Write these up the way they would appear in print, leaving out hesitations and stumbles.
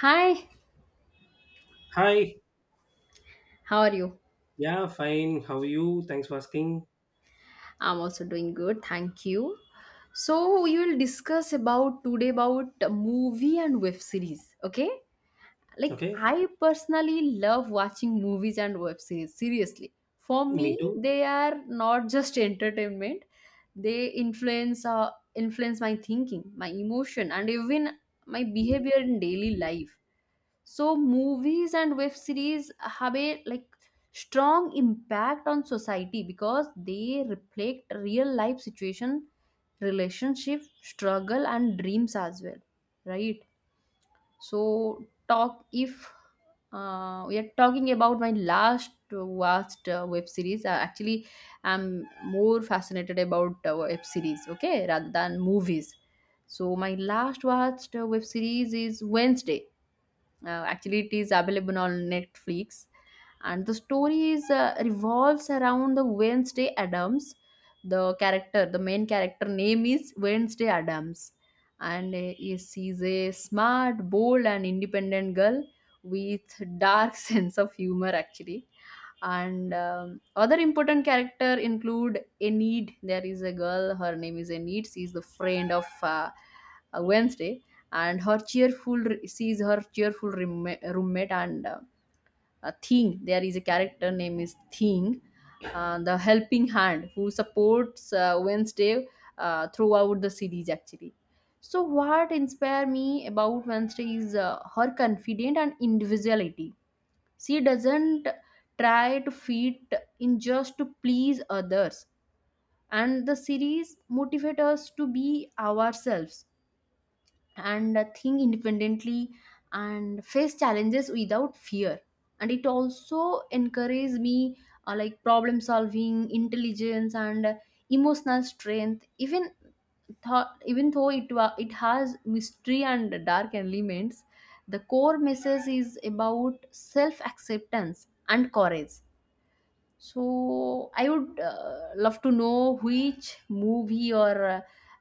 Hi, Hi. how are you? Yeah, fine. How are you? Thanks for asking. I'm also doing good, thank you. So we will discuss about today about movie and web series, okay? Like Okay. I personally love watching movies and web series, seriously. For Me me, too. they are not just entertainment, they influence my thinking, my emotion and even my behavior in daily life. So movies and web series have a like strong impact on society because they reflect real life situation, relationship, struggle and dreams as well, right? So talk if we are talking about my last watched web series. Actually, I'm more fascinated about web series, okay, rather than movies. So my last watched web series is Wednesday. Actually, it is available on Netflix, and the story is revolves around the Wednesday Adams. The main character name is Wednesday Adams, and she's a smart, bold, and independent girl with dark sense of humor. Actually, and other important character include Enid. There is a girl. Her name is Enid. She is the friend of Wednesday, and sees her cheerful roommate and Thing. There is a character name is Thing, the helping hand who supports Wednesday throughout the series actually. So what inspire me about Wednesday is her confidence and individuality. She doesn't try to fit in just to please others, and the series motivate us to be ourselves and think independently and face challenges without fear, and it also encouraged me, like problem solving intelligence and emotional strength. Even though it has mystery and dark elements, the core message is about self acceptance and courage. So I would love to know which movie or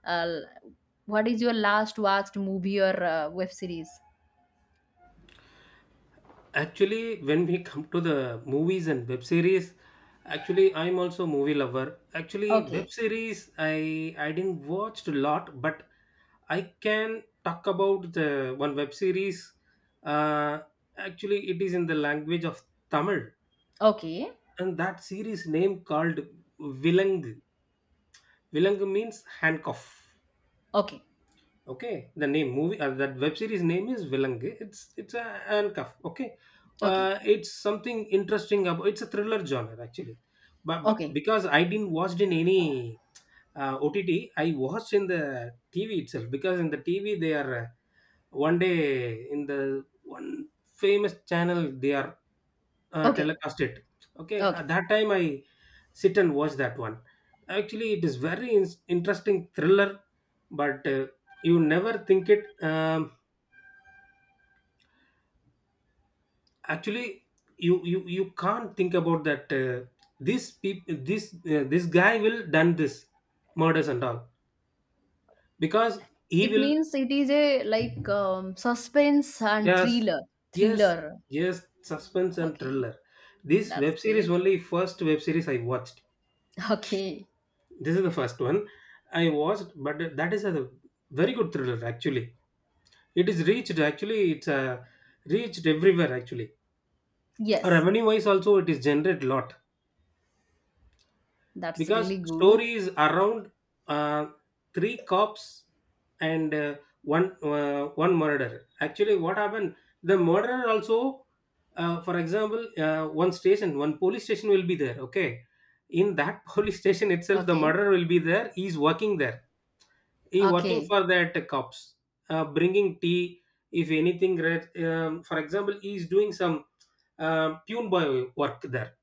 uh, what is your last watched movie or web series? Actually, when we come to the movies and web series, actually I'm also a movie lover. Actually, web Okay, series I didn't watch a lot, but I can talk about the one web series. Uh, actually, it is in the language of Tamil, okay, and that series name called Vilang. Vilang means handcuff. okay, Okay, the name movie, that web series name is Vilangu. It's a an cuff. Okay, okay, it's something interesting about It's a thriller genre actually, but okay, because I didn't watched in any OTT, I watched in the TV itself because in the TV they are, one day in the one famous channel they are, okay, telecast it. Okay, okay. at that time I sit and watch that one. Actually, it is very interesting thriller, but you never think it. Actually, you can't think about that. This this guy will done this murders and all because he It will… means it is a like suspense and Yes, thriller, yes, thriller. yes, suspense and Okay, thriller. This that's web series great. only first web series I watched. Okay, This is the first one I watched, but that is a very good thriller actually. It is reached actually. It's reached everywhere actually. yes, Revenue wise also, it is generated lot. that's Because really good. story is around, uh, three cops and, one murderer. Actually what happened, the murderer also, for example, one station one police station will be there, okay. In that police station itself the Okay, murderer will be there. He's working there, he working okay, for that cops, bringing tea, if anything red. For example, he is doing some pune boy work there,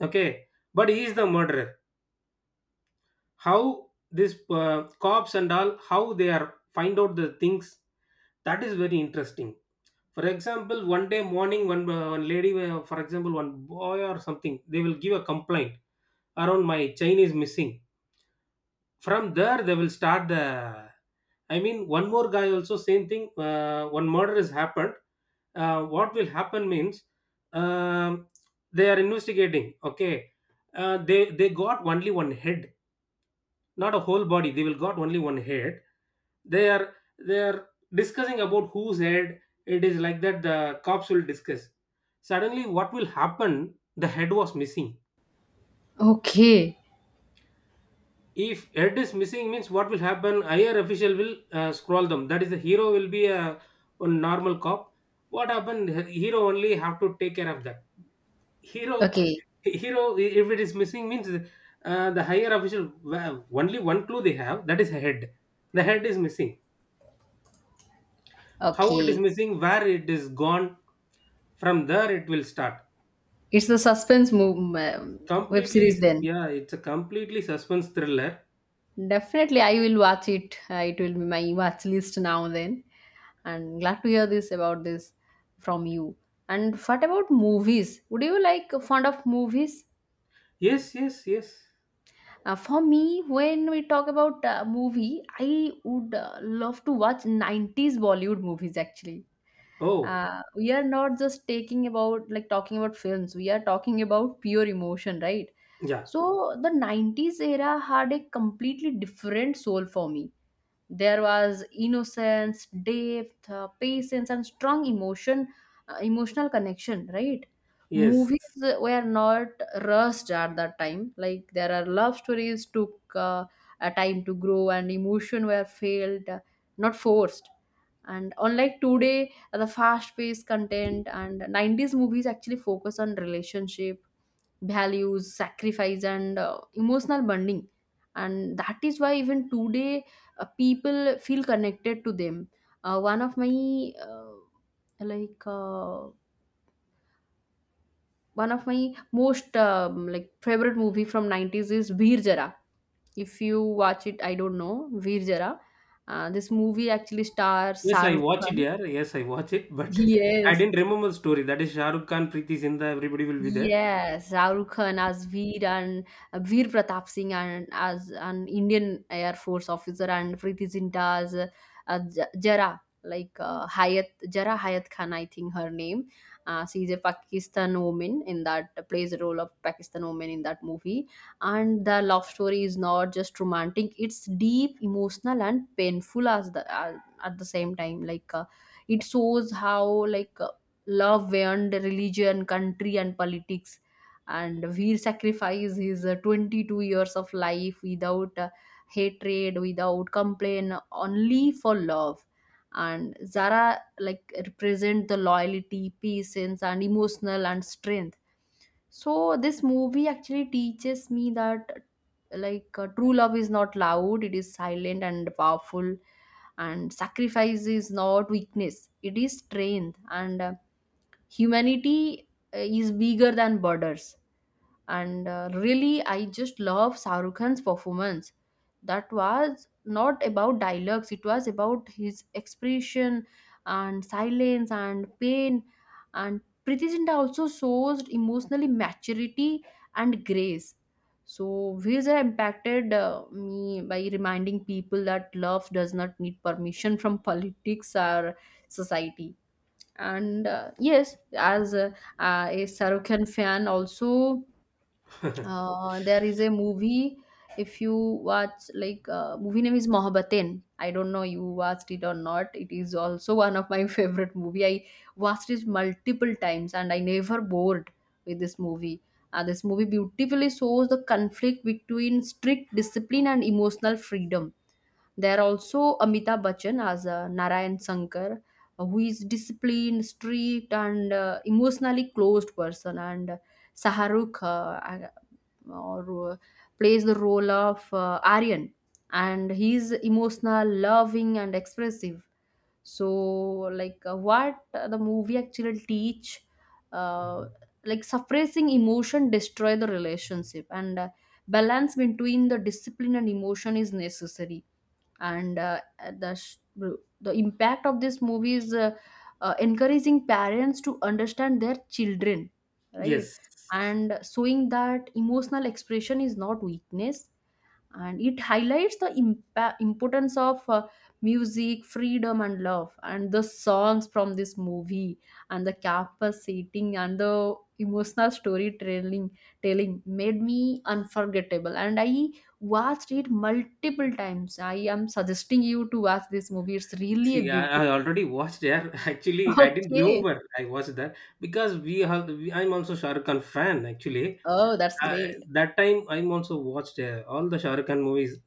okay, but he is the murderer. How this cops and all, how they are find out the things, that is very interesting. For example, one day morning one, one lady, for example one boy or something, they will give a complaint around my chain is missing. From there they will start the I mean one more guy also same thing, one murder has happened. What will happen means, um, they are investigating, okay. They got only one head, not a whole body. They will got only one head. They are they are discussing about whose head it is. Like that the cops will discuss. Suddenly what will happen, the head was missing. okay, If head is missing means, what will happen, higher official will scroll them. That is the hero will be a normal cop. What happened, hero only have to take care of that. hero okay, okay. hero if it is missing means, the higher official, well, only one clue they have, that is head. The head is missing. How it is Okay. missing, where it is gone, from there it will start. It's the suspense move, web series then. Yeah, it's a completely suspense thriller. Definitely, I will watch it. It will be my watch list now then. And glad to hear this about this from you. And what about movies? Would you like fond of movies? Yes, yes, yes. For me, when we talk about movie, I would love to watch 90s Bollywood movies actually. Oh. We are not just taking about like talking about films. We are talking about pure emotion, right? Yeah, So the 90s era had a completely different soul for me. There was innocence, depth, patience, and strong emotion, emotional connection, right? yes, Movies were not rushed at that time. Like, there are love stories took a time to grow, and emotion were felt, not forced. And unlike today, the fast-paced content and 90s movies actually focus on relationship values, sacrifice, and emotional bonding. And that is why even today people feel connected to them. Uh, one of my uh, like uh, One of my most favorite movie from 90s is Veer Jara. If you watch it, I don't know Veer Jara. This movie actually stars yes i Sarv watch it Khan. yeah yes, I watch it, but I Yes, didn't remember the story. That is Shahrukh Khan, Preeti Zinda, everybody will be there. yes, Shahrukh Khan as Veer and Veer Pratap Singh, and as an Indian Air Force officer, and Preeti Zinta as Jara, Hayat Jara Hayat Khan, I think her name. She is a Pakistan woman in that plays the role of Pakistan woman in that movie. And the love story is not just romantic; it's deep, emotional, and painful as the at the same time. Like, it shows how love beyond religion, country, and politics. And Veer sacrificed his 22 years of life without hatred, without complaint, only for love. And Zara like represent the loyalty, patience, and emotional and strength. So this movie actually teaches me that like true love is not loud; it is silent and powerful, and sacrifice is not weakness, it is strength and humanity is bigger than borders. And really I just love Shahrukh Khan's performance. That was not about dialogues, it was about his expression and silence and pain. And Priti Zinta also shows emotionally maturity and grace. So these have impacted me by reminding people that love does not need permission from politics or society. And yes, as a Shahrukh fan, also there is a movie. If you watch, like, movie name is Mohabbatein. I don't know you watched it or not. It is also one of my favorite movie. I watched it multiple times and I never bored with this movie. This movie beautifully shows the conflict between strict discipline and emotional freedom. There are also Amitabh Bachchan as Narayan Sankar, who is disciplined, strict, and emotionally closed person, and Shahrukh or plays the role of Aryan, and he is emotional, loving, and expressive. So, like, what the movie actually teach, uh, like suppressing emotion destroy the relationship, and balance between the discipline and emotion is necessary. And the impact of this movie is encouraging parents to understand their children, right? Yes. And showing that emotional expression is not weakness, and it highlights the importance of music freedom and love. And the songs from this movie and the campus setting and the emotional storytelling telling made me unforgettable, and I watched it multiple times. I am suggesting you to watch this movie, it's really See, a I beautiful. already watched there. Actually, I didn't Okay. remember. I watched that, because I'm also Shahrukh Khan fan actually. Oh, that's uh, great. that time I'm also watched all the Shah Rukh Khan movies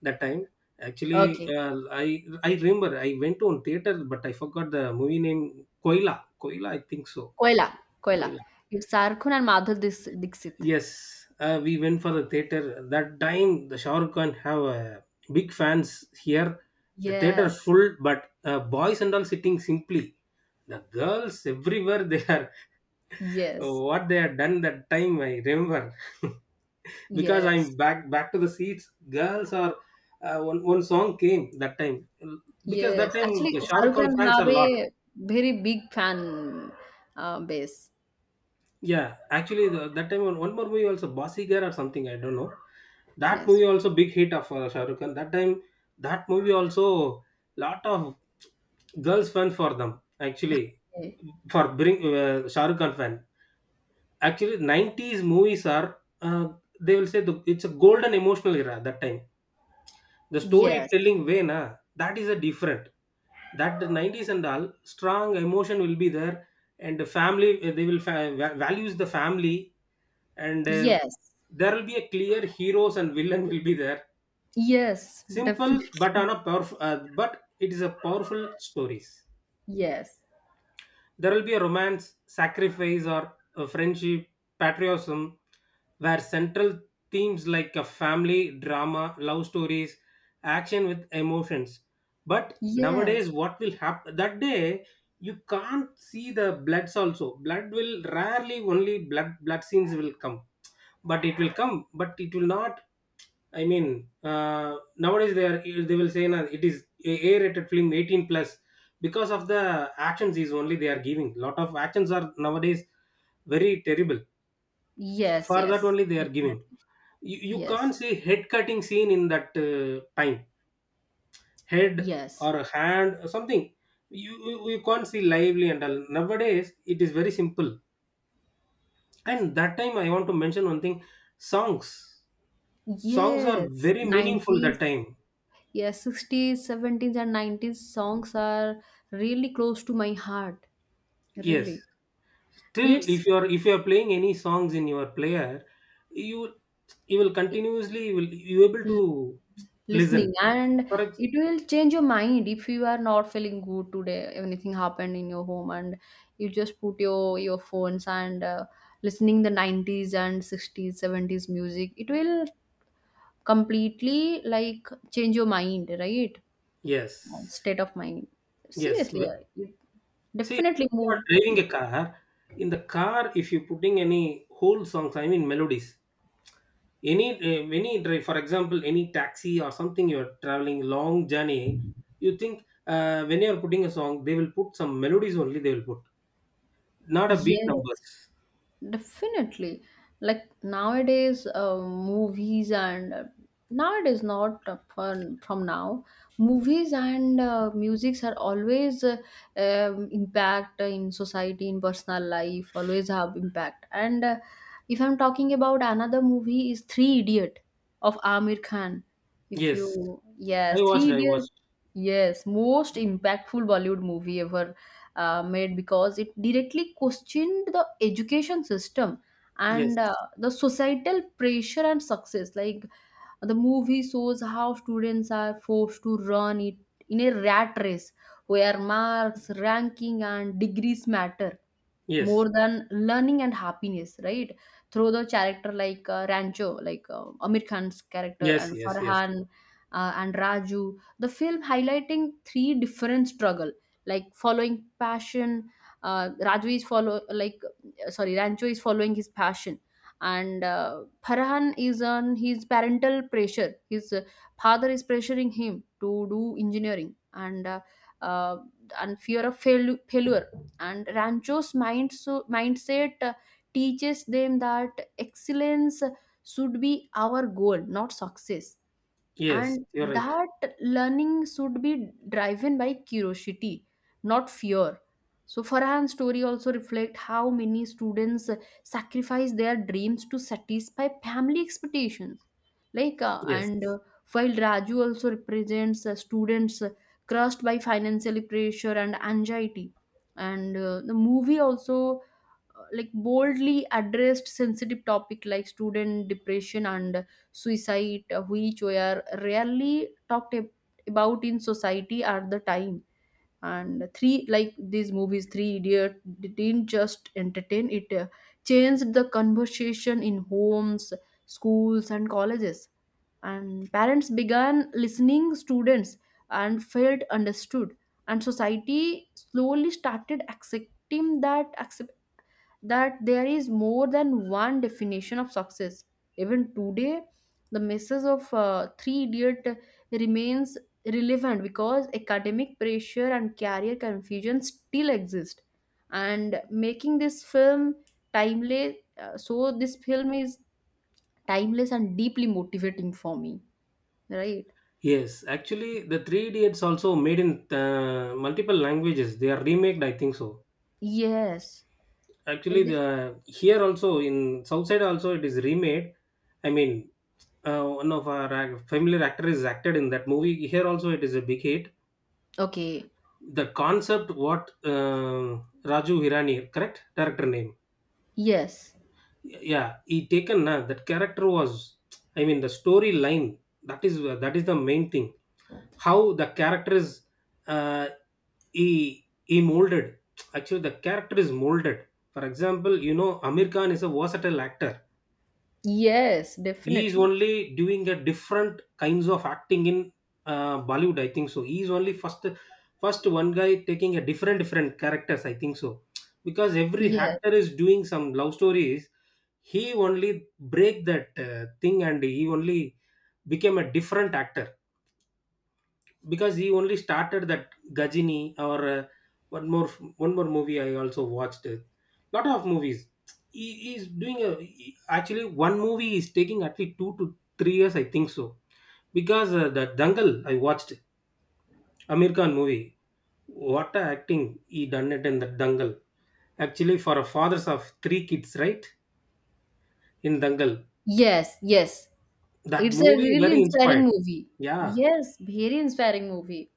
that time actually. Okay. Uh, i i remember I went on theater, but I forgot the movie name. Koila, Koila I think so. Koila. Koila. Koila. It's Sarkhun and Madhur Dixit. Yes, we went for the theater. That time the Shah Rukh Khan have big fans here. The theater is Yes, full, but boys and all sitting simply. The girls everywhere they are. yes, What they had done that time, I remember. Because I'm yes. back back to the seats. Girls are, one song came that time. Because that Yes, time actually, the Shah Rukh Shahrukh Khan Khan fans are have a lot. a very big fan base. Yeah, actually that time one more movie also, Basigar or something, I don't know. That movie Yes. also big hit of Shah Rukh Khan. That time that movie also lot of girls fan for them actually, Eh, for bring Shah Rukh Khan fan. Actually, 90s movies are, they will say it's a golden emotional era. That time the Yes. storytelling way na, that is a different. That the 90s and all, strong emotion will be there, and the family, eh, they will fa- va- values the family, and Yes. there will be a clear heroes and villain will be there. Yes. Simple but on Definitely. a powerful, but it is a powerful stories. Yes. There will be a romance, sacrifice, or a friendship, patriotism, where central themes like a family, drama, love stories, action with emotions. But nowadays, Yes. what will happen that day? You can't see the bloods also. Blood will rarely, only blood scenes will come, but it will come, but it will not. I mean, nowadays they will say nah, it is a rated film 18 plus, because of the actions is only they are giving. Lot of actions are nowadays very terrible. Yes. For that Yes. only they are giving. Definitely. You Yes. can't see head cutting scene in that time. Head Yes. or a hand or something. You can't see lively and all. Nowadays it is very simple. And that time I want to mention one thing: songs. Songs are Yes. very meaningful that 90s. time. Yes. 60s, 70s, and 90s songs are really close to my heart. Yes, Really. still, It's if you are, if you are playing any songs in your player, you you will continuously, you able to listen. listening, and for ex- it will change your mind. If you are not feeling good today, anything happened in your home, and you just put your phones and, listening the 90s and 60s 70s music, it will completely like change your mind, right? yes. State of mind, yes seriously. w- It See, if definitely you are move, driving yes, a car, in the car, if you putting any whole songs, I mean melodies, any drive, for example any taxi or something, you are traveling long journey, you think, when you are putting a song, they will put some melodies only they will put, not a beat yes. numbers. Definitely. Like nowadays, movies and nowadays, not from now, movies and musics are always impact in society, in personal life, always have impact. And if I'm talking about another movie, is Three Idiot of Amir Khan. If Yes. you, yes, Three I Idiot, watched. yes, most impactful Bollywood movie ever made, because it directly questioned the education system Yes. and the societal pressure and success. Like, the movie shows how students are forced to run it in a rat race where marks ranking and degrees matter Yes, more than learning and happiness, right? Through the character like Rancho, like Amir Khan's character, yes, and yes, yes, Farhan and Raju, the film highlighting three different struggle, like following passion. Raju is follow like sorry, Rancho is following his passion, and Farhan is on his parental pressure. His father is pressuring him to do engineering, uh, and fear of failure. And Rancho's mindset teaches them that excellence should be our goal, not success. yes. And You're right. that learning should be driven by curiosity, not fear. So Farhan's story also reflects how many students sacrifice their dreams to satisfy family expectations, like uh, Yes, and uh, while Raju also represents students crushed by financial pressure and anxiety. And the movie also like boldly addressed sensitive topic like student depression and suicide, which were rarely talked about in society at the time. And like these movies, Three Idiot didn't just entertain; it changed the conversation in homes, schools, and colleges. And parents began listening, students, and felt understood. And society slowly started accepting that there is more than one definition of success. Even today, the message of Three Idiot remains relevant because academic pressure and career confusion still exist. And making this film timeless, so this film is timeless and deeply motivating for me, right? yes. Actually, the Three Idiots also made in multiple languages. They are remade, I think so. Yes, Actually, it is. the here also in South Side also it is remade. I mean, one of our familiar actors acted in that movie. Here also it is a big hit. Okay. The concept, what, Raju Hirani, correct? Director name. Yes. Yeah, he taken na. That character was, I mean, the storyline, that is, that is the main thing. How the character is, uh, he molded. Actually the character is molded. For example, you know Amir Khan is a versatile actor. Yes, He is definitely. only doing a different kinds of acting in Bollywood, I think so. He is only first, first one guy taking a different different characters, I think so. Because every Yes. actor is doing some love stories, he only break that thing, and he only became a different actor. Because he only started that Gajini or, one more one more movie I also watched. A lot of movies. He is doing a actually, one movie is taking at least 2 to 3 years, I think so. Because the Dangal I watched, Amir Khan movie. What a acting he done it in the Dangal. Actually, for a fathers of three kids, right? In Dangal, Yes, yes. that It's a movie really very inspiring inspired. movie. Yeah, Yes, very inspiring movie.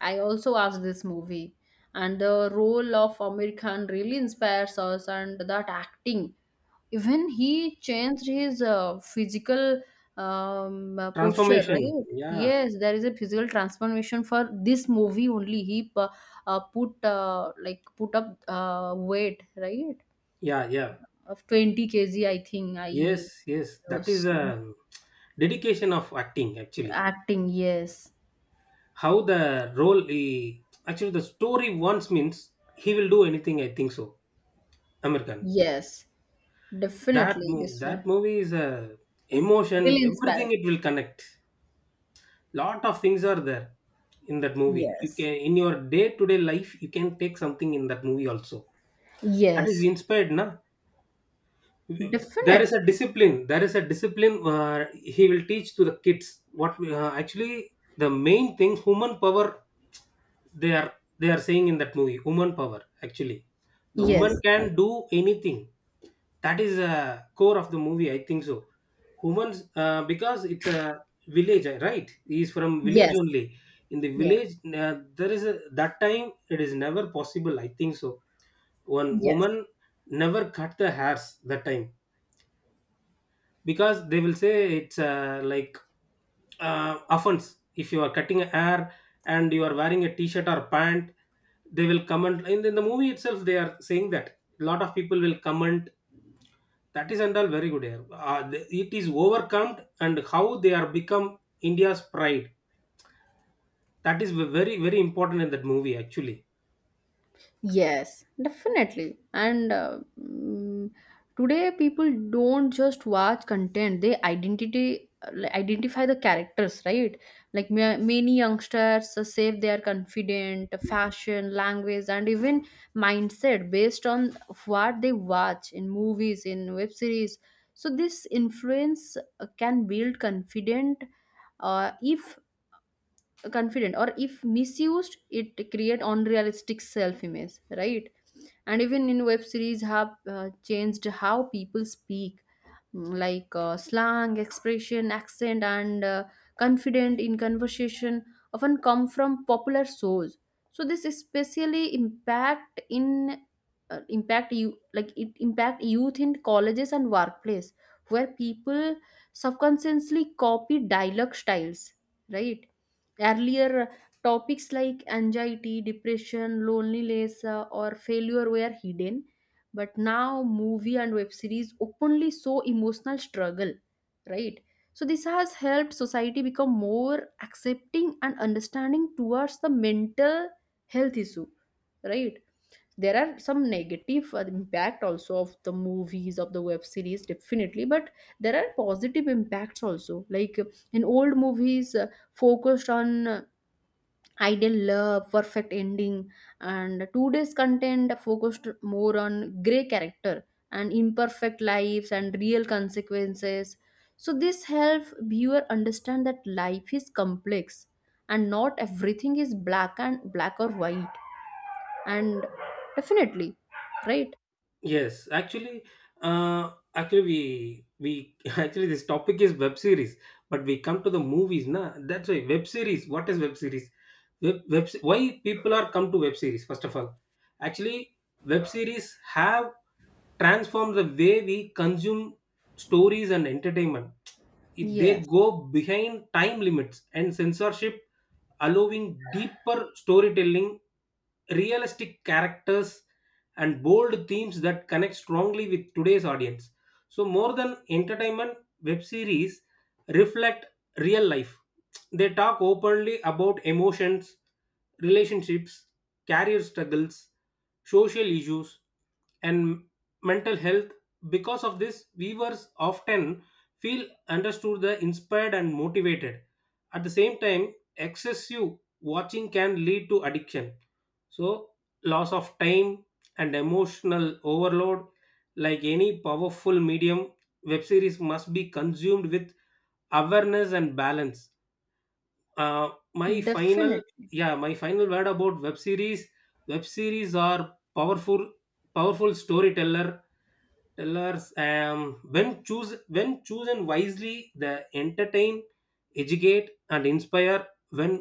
I also watched this movie, and the role of Amir Khan really inspires us, and that acting. Even he changed his physical posture, transformation. right? Yeah. Yes, there is a physical transformation for this movie only. He put up weight, right? Yeah. Yeah. Of 20 kg, I think. I Yes, yes, that is was a dedication of acting actually. acting. Yes, How the role he, actually the story once means, he will do anything, I think so. American. yes. That Definitely, movie, this is that movie is a emotion. really inspiring. Everything it will connect. Lot of things are there in that movie. You Yes. can in your day-to-day life you can take something in that movie also. That is Yes. inspired na. There is a Definitely. discipline, there is a discipline, where he will teach to the kids. What we, actually, the main thing, human power, they are they are saying in that movie, woman power actually. The woman Yes. can do anything. That is a core of the movie, I think so. Humans, because it's a village, right, he is from village Yes. only. In the Yes. village, there is a, that time it is never possible, I think so. One Yes. woman never cut the hairs that time, because they will say it's, like, offense if you are cutting hair and you are wearing a t-shirt or pant. They will comment, in the movie itself they are saying that a lot of people will comment. That is and all very good hair, it is overcome, and how they are become India's pride. That is very very important in that movie actually. Yes, definitely. And today people don't just watch content; they identify the characters, right? Like many youngsters say they are confident, fashion, language, and even mindset based on what they watch in movies, in web series. So this influence can build confident if confident or if misused it create unrealistic self image, right? And even in web series have changed how people speak. Like slang expression accent and confident in conversation often come from popular shows. So this especially impact in impact youth in colleges and workplace where people subconsciously copy dialogue styles, right? Earlier, topics like anxiety, depression, loneliness, or failure were hidden, but now movie and web series openly show emotional struggle, right? So this has helped society become more accepting and understanding towards the mental health issue, right? There are some negative impact also of the movies of the web series definitely, but there are positive impacts also. Like in old movies focused on ideal love, perfect ending, and today's content focused more on grey character and imperfect lives and real consequences. So this helps viewer understand that life is complex and not everything is black or white. And definitely, right? Yes, actually, actually we actually this topic is web series, but we come to the movies, na. That's why web series. What is web series? Web, why people are come to web series? First of all, actually, web series have transformed the way we consume stories and entertainment. If they Yes, go behind time limits and censorship, allowing deeper storytelling, realistic characters, and bold themes that connect strongly with today's audience. So, more than entertainment, web series reflect real life. They talk openly about emotions, relationships, career struggles, social issues, and mental health. Because of this, viewers often feel understood, the inspired, and motivated. At the same time, excessive watching can lead to addiction, so loss of time and emotional overload. Like any powerful medium, web series must be consumed with awareness and balance. My final definitely. Yeah, my final word about web series: web series are powerful, powerful storyteller tellers. When choose when chosen wisely, they entertain, educate and inspire. When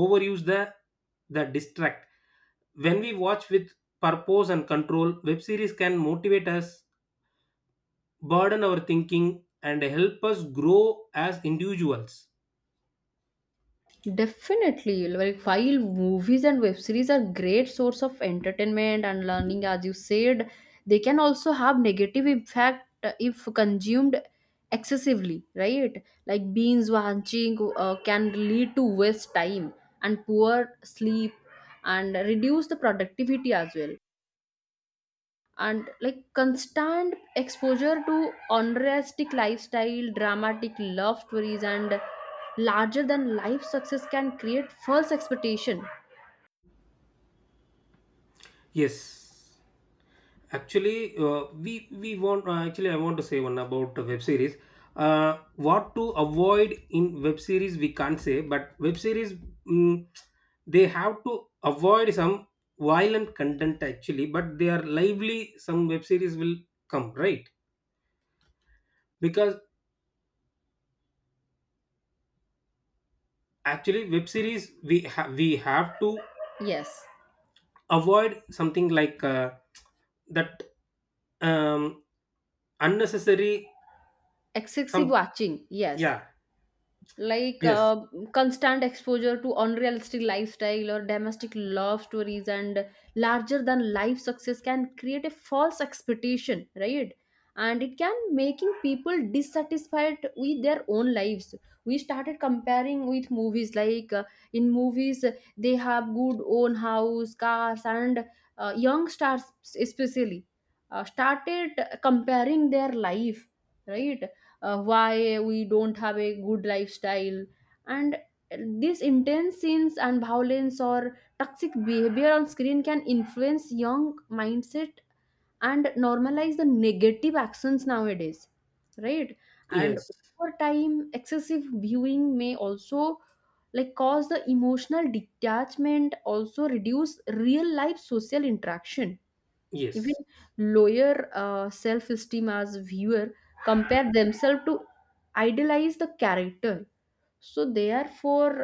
overuse, the distract. When we watch with purpose and control, web series can motivate us, burden our thinking, and help us grow as individuals. Definitely, like while movies and web series are great source of entertainment and learning, as you said, they can also have negative impact if consumed excessively, right? Like binge watching can lead to waste time and poor sleep and reduce the productivity as well. And like constant exposure to unrealistic lifestyle dramatic love stories and larger than life success can create false expectation. Yes. Actually, we want actually I want to say one about the web series. What to avoid in web series we can't say, but web series, mm, they have to avoid some violent content actually. But they are lively. Some web series will come, right? Because actually web series we have to Yes, avoid something like, that um, unnecessary excessive some. watching, yes. Yeah. Like Yes, constant exposure to unrealistic lifestyle or domestic love stories and larger than life success can create a false expectation, right? And it can making people dissatisfied with their own lives. We started comparing with movies. Like in movies they have good own house cars and young stars especially started comparing their life, right? Why we don't have a good lifestyle? And these intense scenes and violence or toxic behavior on screen can influence young mindset and normalize the negative actions nowadays, right? And yes, over time excessive viewing may also like cause the emotional detachment, also reduce real life social interaction, even yes. lower self-esteem as viewer compare themselves to idealize the character. So therefore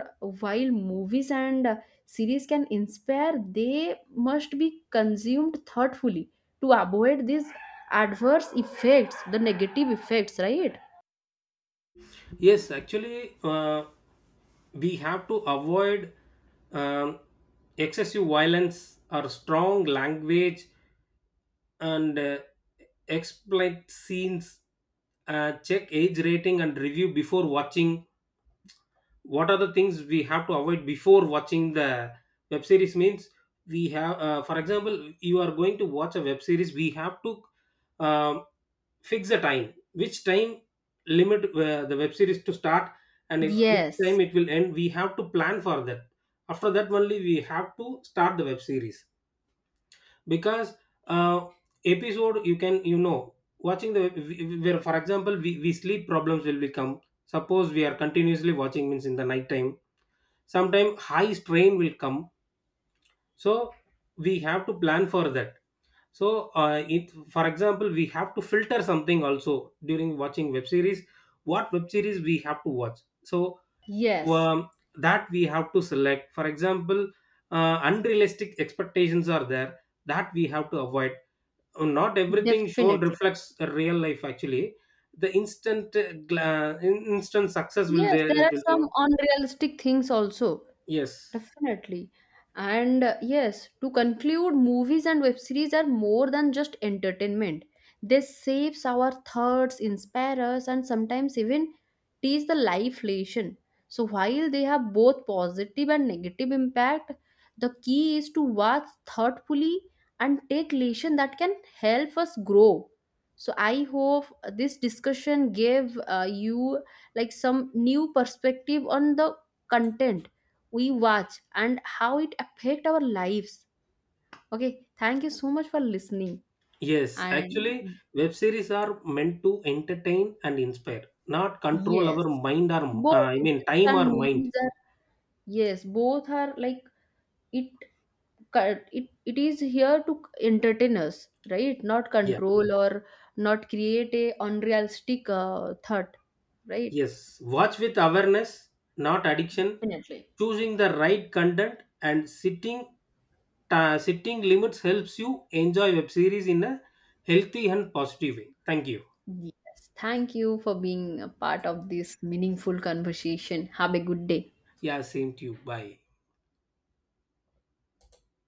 while movies and series can inspire, they must be consumed thoughtfully to avoid these adverse effects, the negative effects, right? Yes, actually, we have to avoid, um, excessive violence or strong language, and explicit scenes. Check age rating and review before watching. What are the things we have to avoid before watching the web series? Means we have, for example, you are going to watch a web series. We have to, um, fix a time, which time limit the web series to start and it, which Yes, time it will end, we have to plan for that. After that only we have to start the web series. Because uh, episode you can, you know, watching the web- we- where for example we sleep problems will become. Suppose we are continuously watching means, in the night time sometime high strain will come, so we have to plan for that. So it, for example, we have to filter something also during watching web series, what web series we have to watch. So, yes, um, that we have to select. For example, unrealistic expectations are there, that we have to avoid. Not everything shown definitely. reflects the real life actually. The instant, instant success will Yes, there, there it are will show. some unrealistic things also. Yes. Definitely. And yes, to conclude, movies and web series are more than just entertainment. They shapes our thoughts, inspire us, and sometimes even teach the life lesson. So while they have both positive and negative impact, the key is to watch thoughtfully and take lesson that can help us grow. So I hope this discussion gave you like some new perspective on the content we watch and how it affect our lives. Okay, thank you so much for listening. Yes, actually, And web series are meant to entertain and inspire, not control our yes, mind, or both I mean series time and or mind. movies are, yes, both are like, it co- it it is here to entertain us, right, not Yeah. control or not create a unrealistic thought, right? Yes. Watch with awareness, not addiction. Definitely. Choosing the right content and sitting, sitting limits helps you enjoy web series in a healthy and positive way. Thank you. Yes, thank you for being a part of this meaningful conversation. Have a good day. Yeah, same to you. Bye.